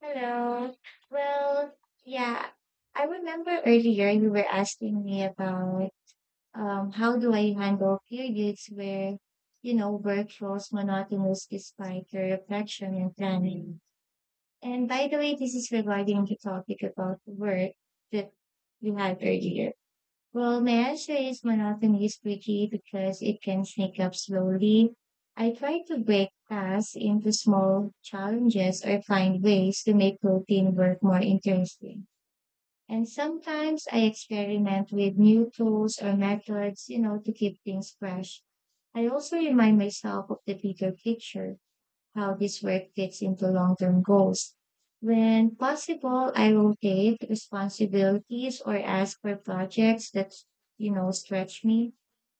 Hello. Well, yeah, I remember earlier you were asking me about how do I handle periods where, work feels monotonous despite your reflection and planning. And by the way, this is regarding the topic about work that you had earlier. Well, my answer is monotony is tricky because it can sneak up slowly. I try to break tasks into small challenges or find ways to make routine work more interesting. And sometimes I experiment with new tools or methods, to keep things fresh. I also remind myself of the bigger picture how this work fits into long term goals. When possible, I rotate responsibilities or ask for projects that, stretch me.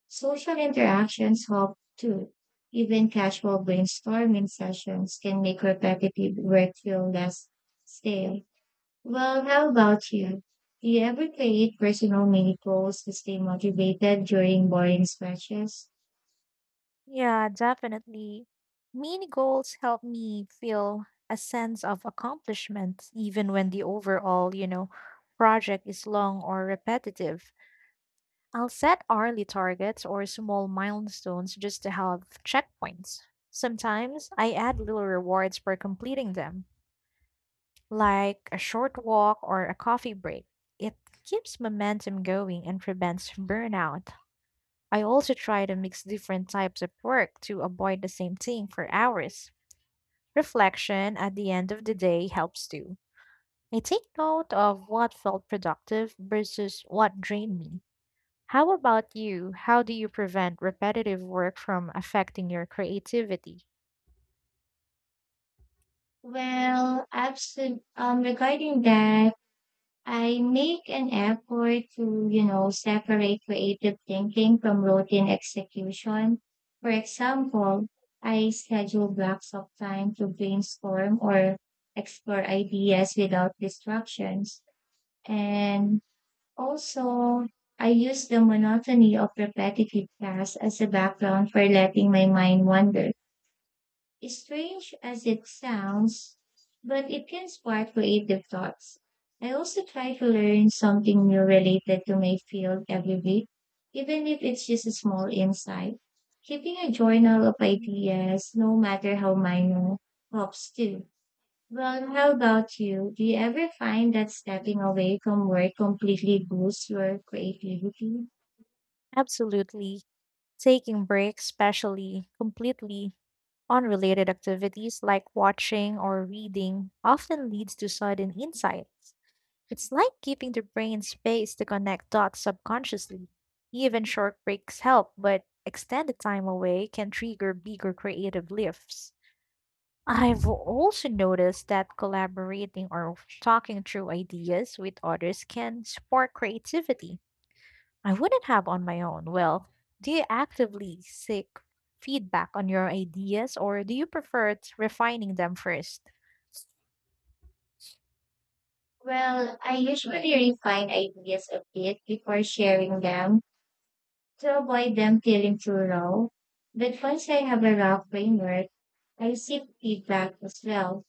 Social interactions help too. Even casual brainstorming sessions can make repetitive work feel less stale. Well, how about you? Do you ever create personal mini goals to stay motivated during boring stretches? Yeah, definitely. Mini goals help me feel a sense of accomplishment even when the overall, project is long or repetitive. I'll set hourly targets or small milestones just to have checkpoints. Sometimes I add little rewards for completing them, like a short walk or a coffee break. It keeps momentum going and prevents burnout. I also try to mix different types of work to avoid the same thing for hours. Reflection at the end of the day helps too. I take note of what felt productive versus what drained me. How about you? How do you prevent repetitive work from affecting your creativity? Well, absolutely. Regarding that, I make an effort to, separate creative thinking from routine execution. For example, I schedule blocks of time to brainstorm or explore ideas without distractions. And also, I use the monotony of repetitive tasks as a background for letting my mind wander. Strange as it sounds, but it can spark creative thoughts. I also try to learn something new related to my field every week, even if it's just a small insight. Keeping a journal of ideas, no matter how minor, helps too. Well, how about you? Do you ever find that stepping away from work completely boosts your creativity? Absolutely. Taking breaks, especially completely unrelated activities like watching or reading, often leads to sudden insights. It's like giving the brain space to connect dots subconsciously. Even short breaks help, but extended time away can trigger bigger creative lifts. I've also noticed that collaborating or talking through ideas with others can spark creativity I wouldn't have on my own. Well, do you actively seek feedback on your ideas, or do you prefer refining them first? Well, I usually refine ideas a bit before sharing them to avoid them feeling too raw, but once I have a rough framework, I seek feedback as well.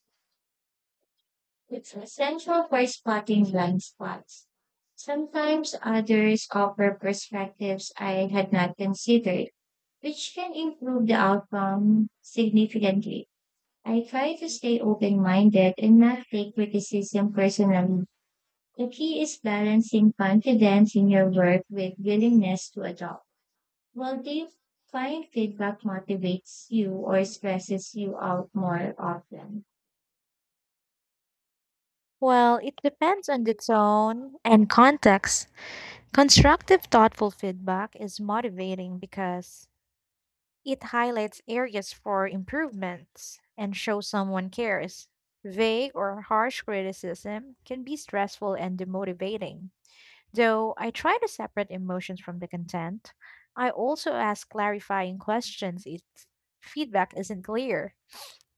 It's essential for spotting blind spots. Sometimes others offer perspectives I had not considered, which can improve the outcome significantly. I try to stay open minded and not take criticism personally. The key is balancing confidence in your work with willingness to adopt. Well, do you find feedback motivates you or stresses you out more often? Well, it depends on the tone and context. Constructive, thoughtful feedback is motivating because it highlights areas for improvements and shows someone cares. Vague or harsh criticism can be stressful and demotivating. Though I try to separate emotions from the content, I also ask clarifying questions if feedback isn't clear.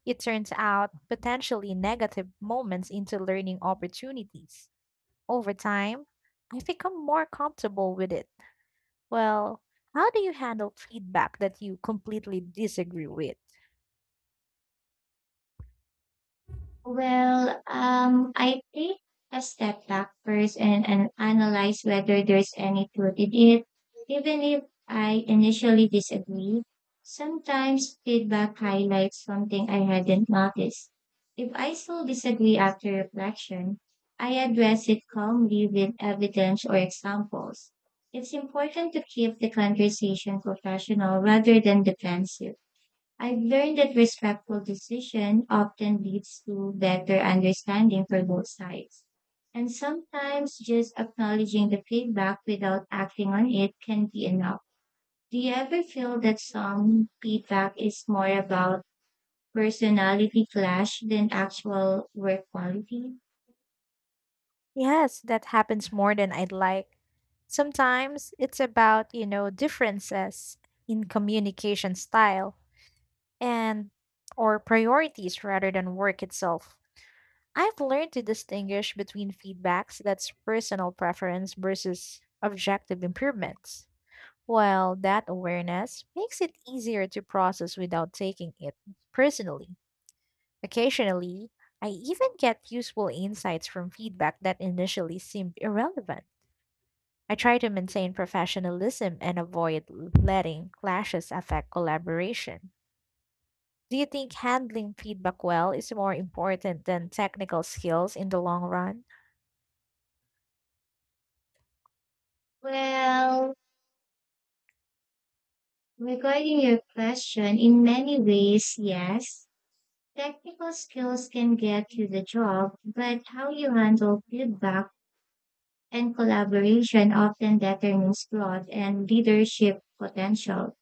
It turns out potentially negative moments into learning opportunities. Over time, I've become more comfortable with it. Well, how do you handle feedback that you completely disagree with? Well, I take a step back first and analyze whether there's any truth in it, even if I initially disagree. Sometimes feedback highlights something I hadn't noticed. If I still disagree after reflection, I address it calmly with evidence or examples. It's important to keep the conversation professional rather than defensive. I've learned that respectful decision often leads to better understanding for both sides. And sometimes just acknowledging the feedback without acting on it can be enough. Do you ever feel that some feedback is more about personality clash than actual work quality? Yes, that happens more than I'd like. Sometimes it's about, differences in communication style and or priorities rather than work itself. I've learned to distinguish between feedbacks that's personal preference versus objective improvements. Well, that awareness makes it easier to process without taking it personally. Occasionally, I even get useful insights from feedback that initially seemed irrelevant. I try to maintain professionalism and avoid letting clashes affect collaboration. Do you think handling feedback well is more important than technical skills in the long run? Well, regarding your question, in many ways, yes. Technical skills can get you the job, but how you handle feedback and collaboration often determines growth and leadership potential.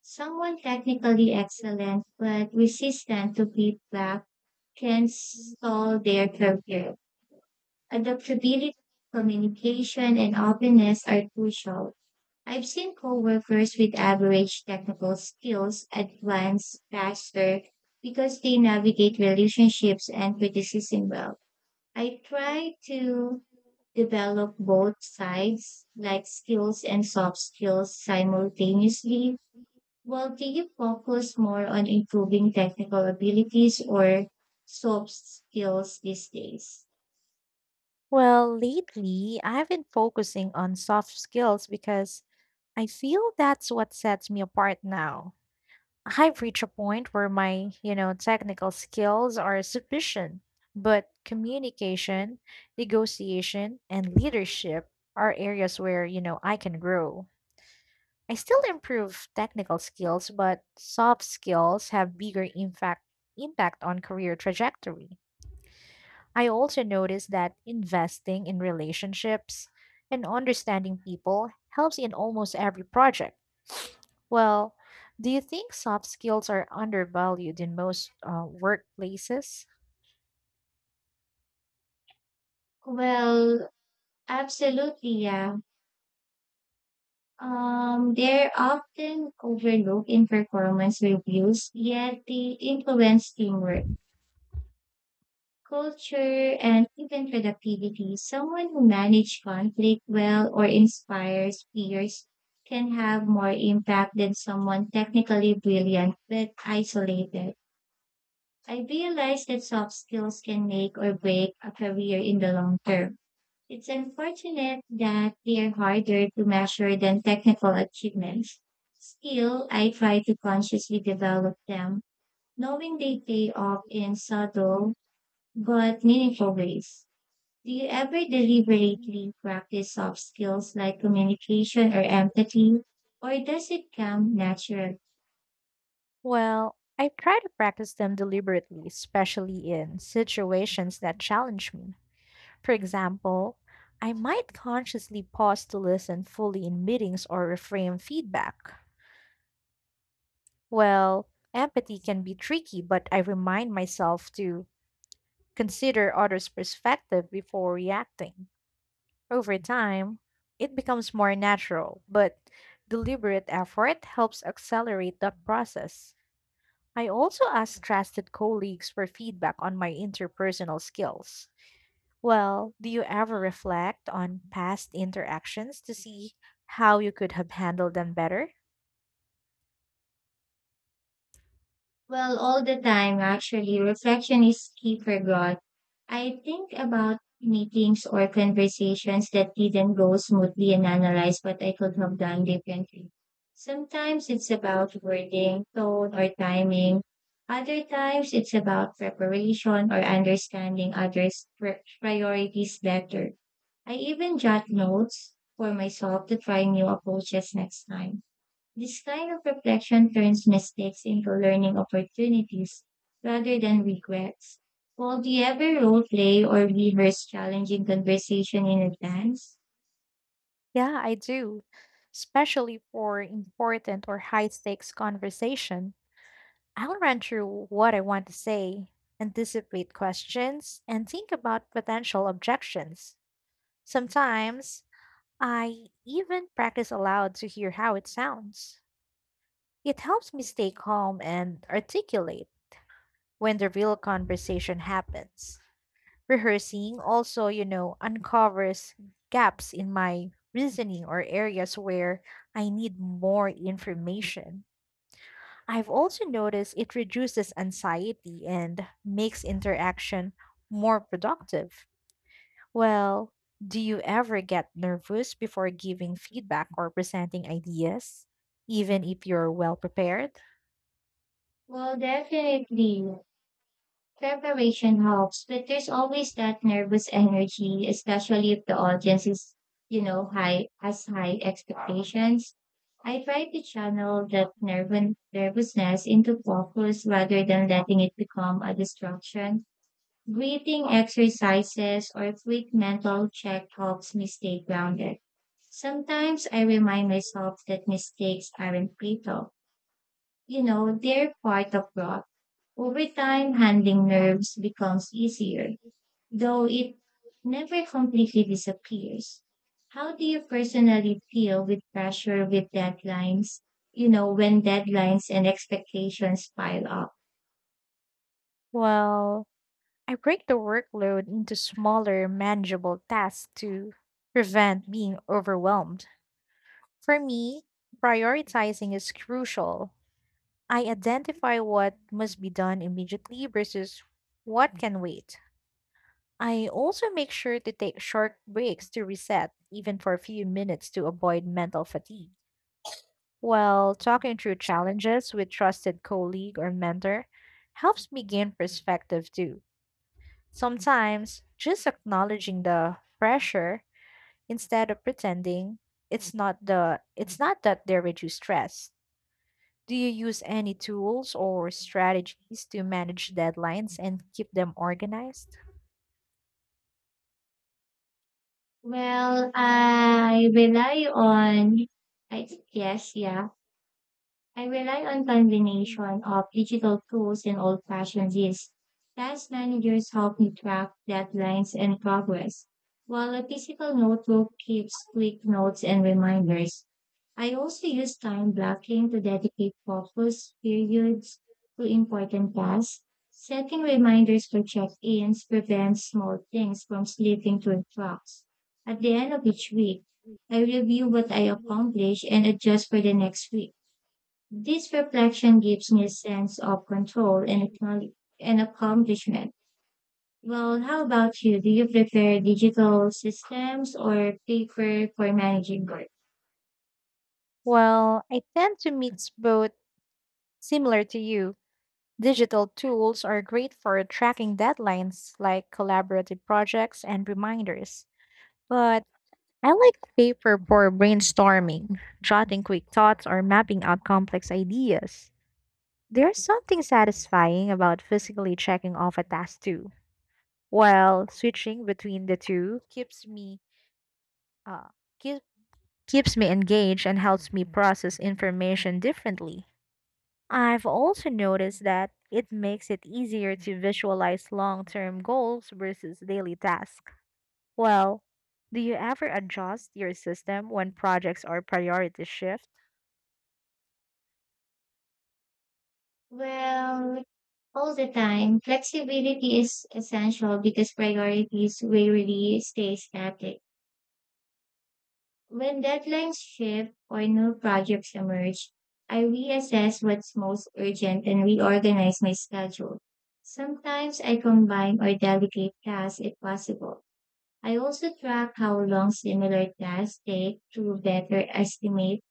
Someone technically excellent but resistant to feedback can stall their career. Adaptability, communication, and openness are crucial. I've seen coworkers with average technical skills advance faster because they navigate relationships and criticism well. I try to develop both sides, like skills and soft skills, simultaneously. Well, do you focus more on improving technical abilities or soft skills these days? Well, lately I've been focusing on soft skills because I feel that's what sets me apart now. I've reached a point where my, technical skills are sufficient, but communication, negotiation, and leadership are areas where, I can grow. I still improve technical skills, but soft skills have bigger impact on career trajectory. I also noticed that investing in relationships and understanding people helps in almost every project. Well, do you think soft skills are undervalued in most workplaces? Well, absolutely, yeah. They're often overlooked in performance reviews, yet they influence teamwork culture, and even productivity. Someone who manages conflict well or inspires peers can have more impact than someone technically brilliant but isolated. I realize that soft skills can make or break a career in the long term. It's unfortunate that they are harder to measure than technical achievements. Still, I try to consciously develop them, knowing they pay off in subtle but meaningful ways. Do you ever deliberately practice soft skills like communication or empathy, or does it come naturally? Well, I try to practice them deliberately, especially in situations that challenge me. For example, I might consciously pause to listen fully in meetings or reframe feedback. Well, empathy can be tricky, but I remind myself to consider others' perspective before reacting. Over time, it becomes more natural, but deliberate effort helps accelerate that process. I also ask trusted colleagues for feedback on my interpersonal skills. Well, do you ever reflect on past interactions to see how you could have handled them better? Well, all the time, actually, reflection is key for growth. I think about meetings or conversations that didn't go smoothly and analyze what I could have done differently. Sometimes it's about wording, tone, or timing. Other times it's about preparation or understanding others' priorities better. I even jot notes for myself to try new approaches next time. This kind of reflection turns mistakes into learning opportunities rather than regrets. Will the ever role play or rehearse challenging conversation in advance? Yeah, I do, especially for important or high stakes conversation. I'll run through what I want to say, anticipate questions, and think about potential objections. Sometimes I even practice aloud to hear how it sounds. It helps me stay calm and articulate when the real conversation happens. Rehearsing also, uncovers gaps in my reasoning or areas where I need more information. I've also noticed it reduces anxiety and makes interaction more productive. Well, do you ever get nervous before giving feedback or presenting ideas, even if you're well prepared? Well, definitely. Preparation helps, but there's always that nervous energy, especially if the audience is, high has high expectations. I try to channel that nervousness into focus rather than letting it become a distraction. Breathing exercises or quick mental check helps me stay grounded. Sometimes I remind myself that mistakes aren't fatal. They're part of growth. Over time, handling nerves becomes easier, though it never completely disappears. How do you personally deal with pressure with deadlines? When deadlines and expectations pile up. Well, I break the workload into smaller, manageable tasks to prevent being overwhelmed. For me, prioritizing is crucial. I identify what must be done immediately versus what can wait. I also make sure to take short breaks to reset, even for a few minutes, to avoid mental fatigue. While talking through challenges with trusted colleague or mentor helps me gain perspective too. Sometimes just acknowledging the pressure instead of pretending it's not that they're reduced stress. Do you use any tools or strategies to manage deadlines and keep them organized? Well, I rely on I yes, yeah. I rely on combination of digital tools and old-fashioned lists. Task managers help me track deadlines and progress, while a physical notebook keeps quick notes and reminders. I also use time blocking to dedicate focus periods to important tasks. Setting reminders for check-ins prevents small things from slipping through cracks. At the end of each week, I review what I accomplished and adjust for the next week. This reflection gives me a sense of control and accomplishment. Well, how about you? Do you prefer digital systems or paper for managing work? Well, I tend to mix both, similar to you. Digital tools are great for tracking deadlines like collaborative projects and reminders. But I like paper for brainstorming, jotting quick thoughts, or mapping out complex ideas. There's something satisfying about physically checking off a task too. While switching between the two keeps me uh, keep, keeps me engaged and helps me process information differently. I've also noticed that it makes it easier to visualize long term goals versus daily tasks. Well, do you ever adjust your system when projects or priorities shift? Well, all the time, flexibility is essential because priorities rarely stay static. When deadlines shift or new projects emerge, I reassess what's most urgent and reorganize my schedule. Sometimes I combine or delegate tasks if possible. I also track how long similar tasks take to better estimate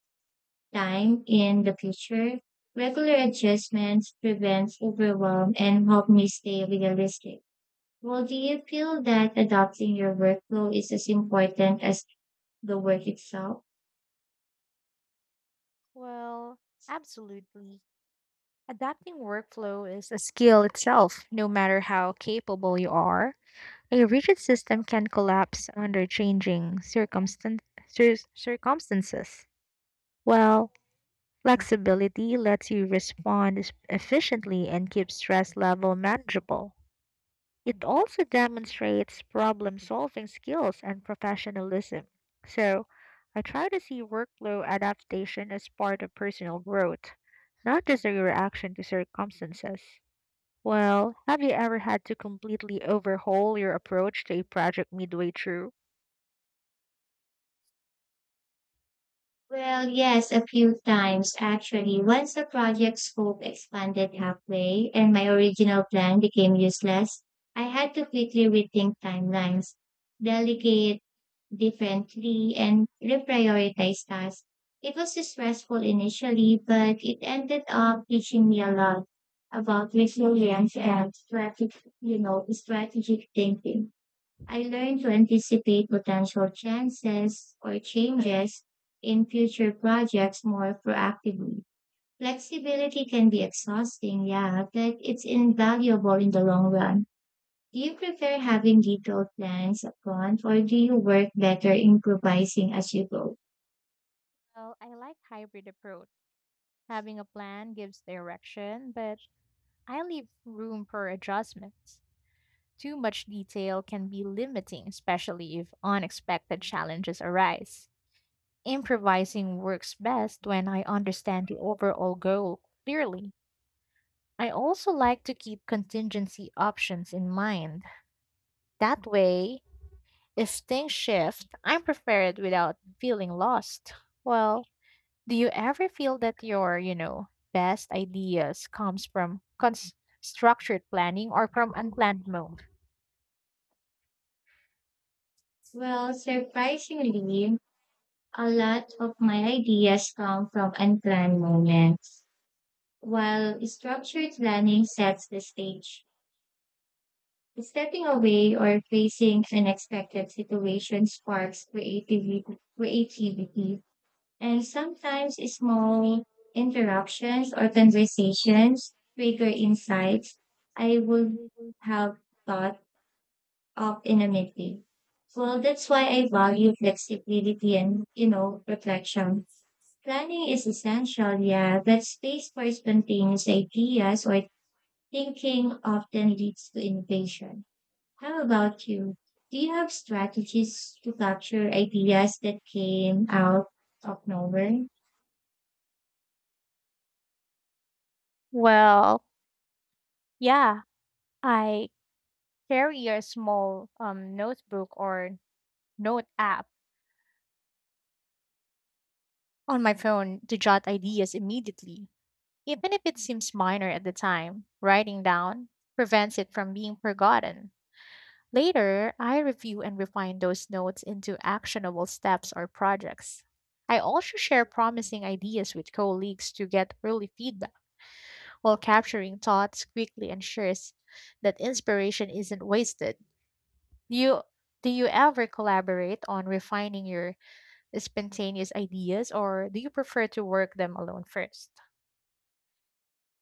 time in the future. Regular adjustments prevent overwhelm and help me stay realistic. Well, do you feel that adopting your workflow is as important as the work itself? Well, absolutely. Adapting workflow is a skill itself, no matter how capable you are. A rigid system can collapse under changing circumstances. Well, flexibility lets you respond efficiently and keep stress level manageable. It also demonstrates problem solving skills and professionalism. So, I try to see workflow adaptation as part of personal growth, not just a reaction to circumstances. Well, have you ever had to completely overhaul your approach to a project midway through? Well, yes, a few times actually. Once the project scope expanded halfway and my original plan became useless, I had to quickly rethink timelines, delegate differently and reprioritize tasks. It was stressful initially, but it ended up teaching me a lot about resilience and strategic thinking. I learned to anticipate potential chances or changes in future projects more proactively. Flexibility can be exhausting, yeah, but it's invaluable in the long run. Do you prefer having detailed plans upfront or do you work better improvising as you go? Well, I like hybrid approach. Having a plan gives direction, but I leave room for adjustments. Too much detail can be limiting, especially if unexpected challenges arise. Improvising works best when I understand the overall goal clearly. I also like to keep contingency options in mind. That way, if things shift, I'm prepared without feeling lost. Well, do you ever feel that your, best ideas comes from structured planning or from unplanned moments? Well, surprisingly, a lot of my ideas come from unplanned moments, while structured planning sets the stage. Stepping away or facing unexpected situations sparks creativity. And sometimes small interruptions or conversations trigger insights I would have thought of in a meeting. Well, that's why I value flexibility and reflection. Planning is essential, yeah, but space for spontaneous ideas or thinking often leads to innovation. How about you? Do you have strategies to capture ideas that came out of nowhere? Well, yeah, I carry a small notebook or note app on my phone to jot ideas immediately. Even if it seems minor at the time, writing down prevents it from being forgotten. Later, I review and refine those notes into actionable steps or projects. I also share promising ideas with colleagues to get early feedback, while capturing thoughts quickly ensures that inspiration isn't wasted. Do you do you ever collaborate on refining your spontaneous ideas, or do you prefer to work them alone first?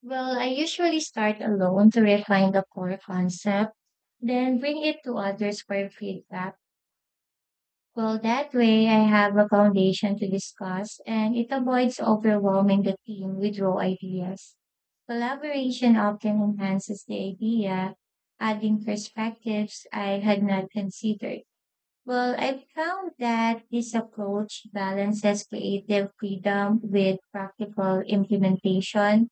Well, I usually start alone to refine the core concept, then bring it to others for feedback. Well, that way I have a foundation to discuss and it avoids overwhelming the team with raw ideas. Collaboration often enhances the idea, adding perspectives I had not considered. Well, I found that this approach balances creative freedom with practical implementation.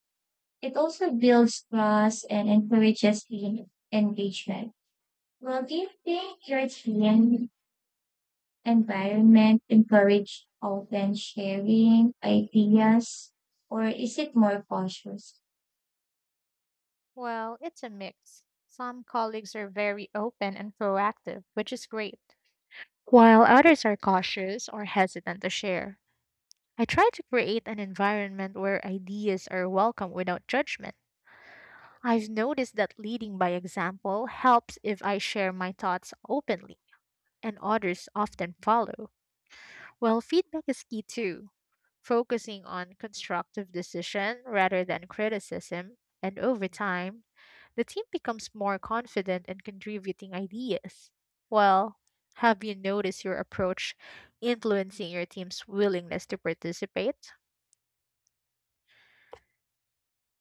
It also builds trust and encourages team engagement. Well, do you think your team environment encourage open sharing ideas or is it more cautious? Well, it's a mix. Some colleagues are very open and proactive, which is great, while others are cautious or hesitant to share. I try to create an environment where ideas are welcome without judgment. I've noticed that leading by example helps. If I share my thoughts openly, and others often follow. Well, feedback is key too, focusing on constructive decision rather than criticism, and over time, the team becomes more confident in contributing ideas. Well, have you noticed your approach influencing your team's willingness to participate?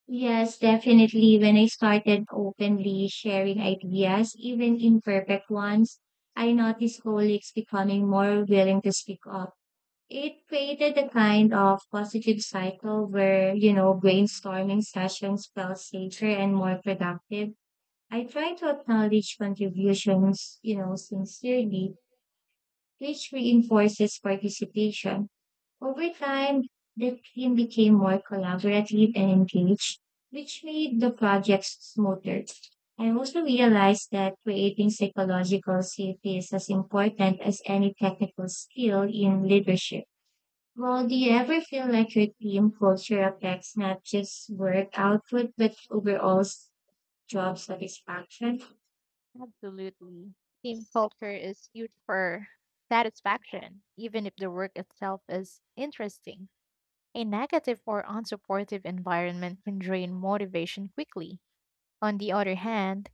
Yes, definitely. When I started openly sharing ideas, even imperfect ones, I noticed colleagues becoming more willing to speak up. It created a kind of positive cycle where, brainstorming sessions felt safer and more productive. I try to acknowledge contributions, sincerely, which reinforces participation. Over time, the team became more collaborative and engaged, which made the projects smoother. I also realized that creating psychological safety is as important as any technical skill in leadership. Well, do you ever feel like your team culture affects not just work output, but overall job satisfaction? Absolutely. Team culture is huge for satisfaction, even if the work itself is interesting. A negative or unsupportive environment can drain motivation quickly. On the other hand,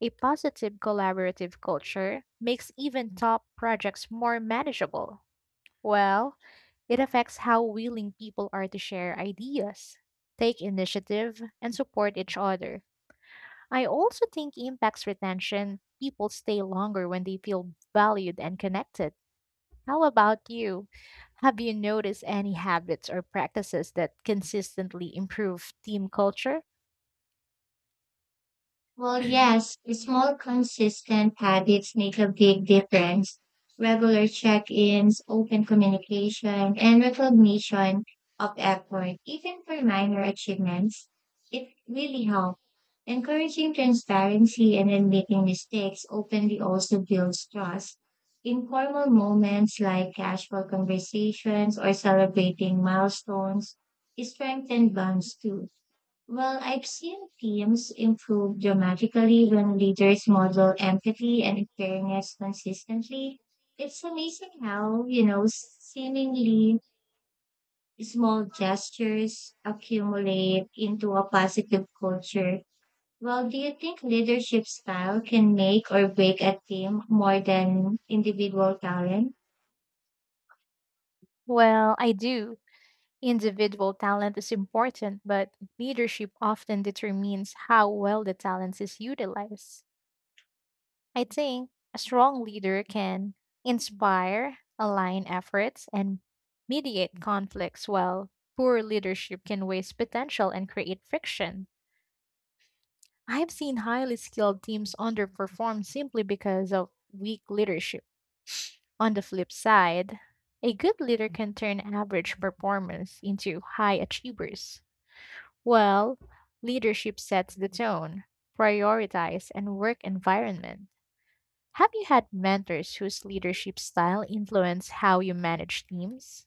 a positive collaborative culture makes even top projects more manageable. Well, it affects how willing people are to share ideas, take initiative, and support each other. I also think impacts retention. People stay longer when they feel valued and connected. How about you? Have you noticed any habits or practices that consistently improve team culture? Well, yes, small consistent habits make a big difference. Regular check-ins, open communication, and recognition of effort, even for minor achievements, it really helps. Encouraging transparency and admitting mistakes openly also builds trust. Informal moments like casual conversations or celebrating milestones strengthen bonds too. Well, I've seen teams improve dramatically when leaders model empathy and fairness consistently. It's amazing how seemingly small gestures accumulate into a positive culture. Well, do you think leadership style can make or break a team more than individual talent? Well, I do. Individual talent is important, but leadership often determines how well the talent is utilized. I think a strong leader can inspire, align efforts, and mediate conflicts, while poor leadership can waste potential and create friction. I've seen highly skilled teams underperform simply because of weak leadership. On the flip side, a good leader can turn average performance into high achievers. Well, leadership sets the tone, prioritize, and work environment. Have you had mentors whose leadership style influenced how you manage teams?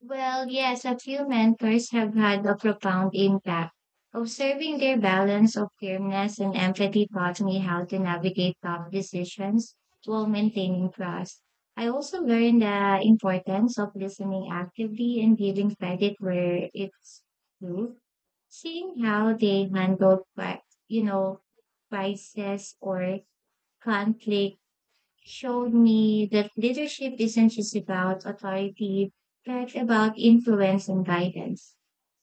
Well, yes, a few mentors have had a profound impact. Observing their balance of firmness and empathy taught me how to navigate tough decisions while maintaining trust. I also learned the importance of listening actively and giving credit where it's due. Seeing how they handledyou know, crisis or conflict showed me that leadership isn't just about authority, but about influence and guidance.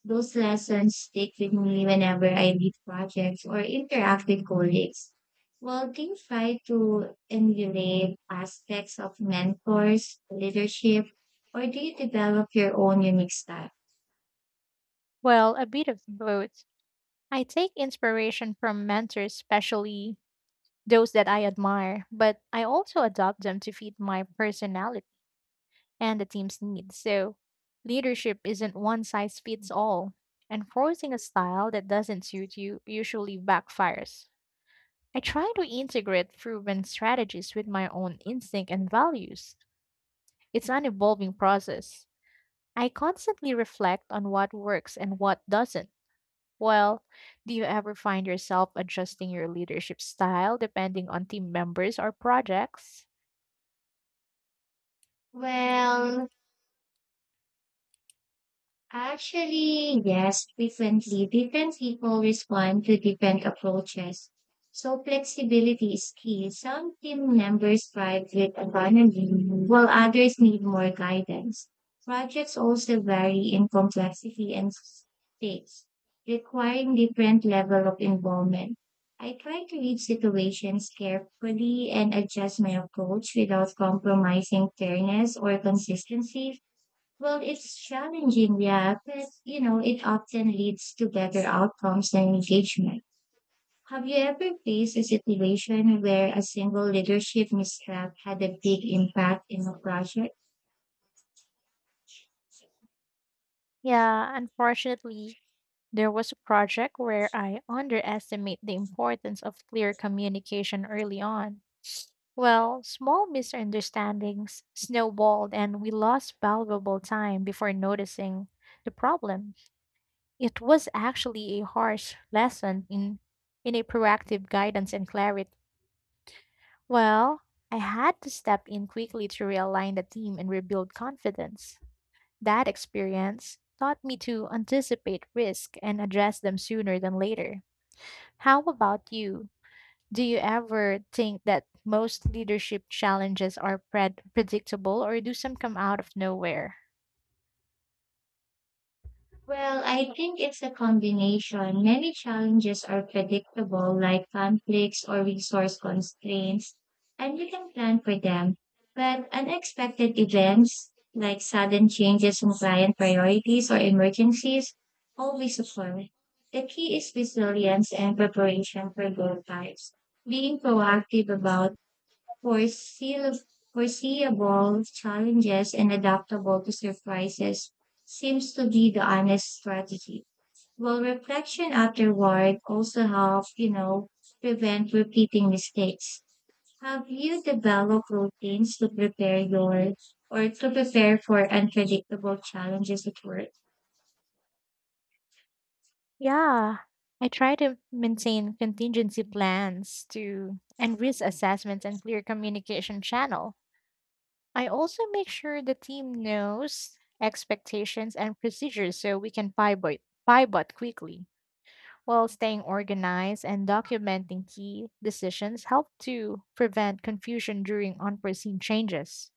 Those lessons stick with me whenever I lead projects or interact with colleagues. While King try to emulate aspects of mentors, leadership, or do you develop your own unique style? Well, a bit of both. I take inspiration from mentors, especially those that I admire, but I also adopt them to fit my personality and the team's needs. So, leadership isn't one size fits all, and forcing a style that doesn't suit you usually backfires. I try to integrate proven strategies with my own instinct and values. It's an evolving process. I constantly reflect on what works and what doesn't. Well, do you ever find yourself adjusting your leadership style depending on team members or projects? Well, actually, yes, differently. Different people respond to different approaches. So flexibility is key. Some team members thrive with autonomy, while others need more guidance. Projects also vary in complexity and stakes, requiring different level of involvement. I try to read situations carefully and adjust my approach without compromising fairness or consistency. Well, it's challenging, yeah, but it often leads to better outcomes and engagement. Have you ever faced a situation where a single leadership misstep had a big impact in a project? Yeah, unfortunately, there was a project where I underestimate the importance of clear communication early on. Well, small misunderstandings snowballed and we lost valuable time before noticing the problem. It was actually a harsh lesson in, a proactive guidance and clarity. Well, I had to step in quickly to realign the team and rebuild confidence. That experience taught me to anticipate risk and address them sooner than later. How about you? Do you ever think that most leadership challenges are predictable, or do some come out of nowhere? Well, I think it's a combination. Many challenges are predictable, like conflicts or resource constraints, and you can plan for them. But unexpected events, like sudden changes in client priorities or emergencies, always occur. The key is resilience and preparation for both types. Being proactive about foreseeable, foreseeable challenges and adaptable to surprises seems to be the honest strategy. Well, reflection afterward also help prevent repeating mistakes. Have you developed routines to prepare for unpredictable challenges at work? Yeah, I try to maintain contingency plans to and risk assessments and clear communication channel. I also make sure the team knows expectations and procedures so we can pivot quickly. While staying organized and documenting key decisions help to prevent confusion during unforeseen changes.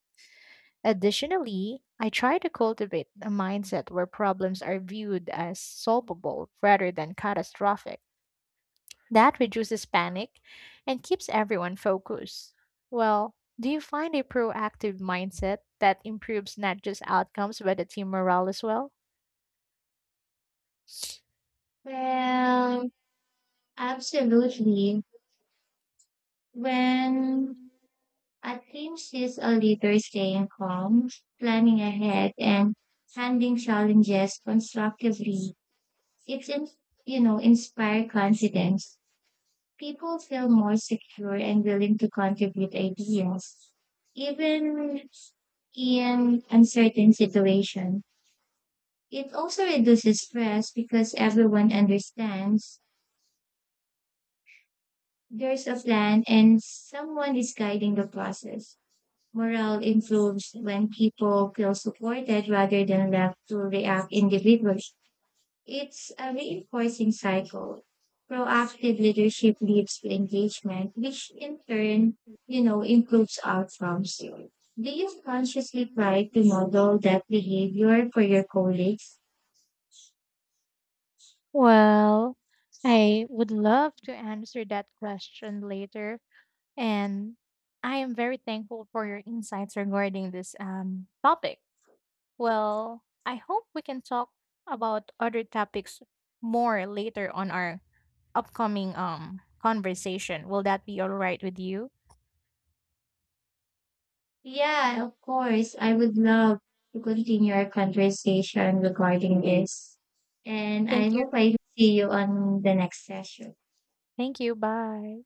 Additionally, I try to cultivate a mindset where problems are viewed as solvable rather than catastrophic, that reduces panic and keeps everyone focused. Well, do you find a proactive mindset that improves not just outcomes but the team morale as well? Well, absolutely. When I think she's a leader staying calm, planning ahead, and handling challenges constructively. It's inspire confidence. People feel more secure and willing to contribute ideas, even in uncertain situation. It also reduces stress because everyone understands there's a plan and someone is guiding the process. Morale improves when people feel supported rather than left to react individually. It's a reinforcing cycle. Proactive leadership leads to engagement, which in turn improves outcomes. Do you consciously try to model that behavior for your colleagues? Well, I would love to answer that question later. And I am very thankful for your insights regarding this topic. Well, I hope we can talk about other topics more later on our upcoming conversation. Will that be all right with you? Yeah, of course. I would love to continue our conversation regarding this. And I Thank you. hope I see you on the next session. Thank you. Bye.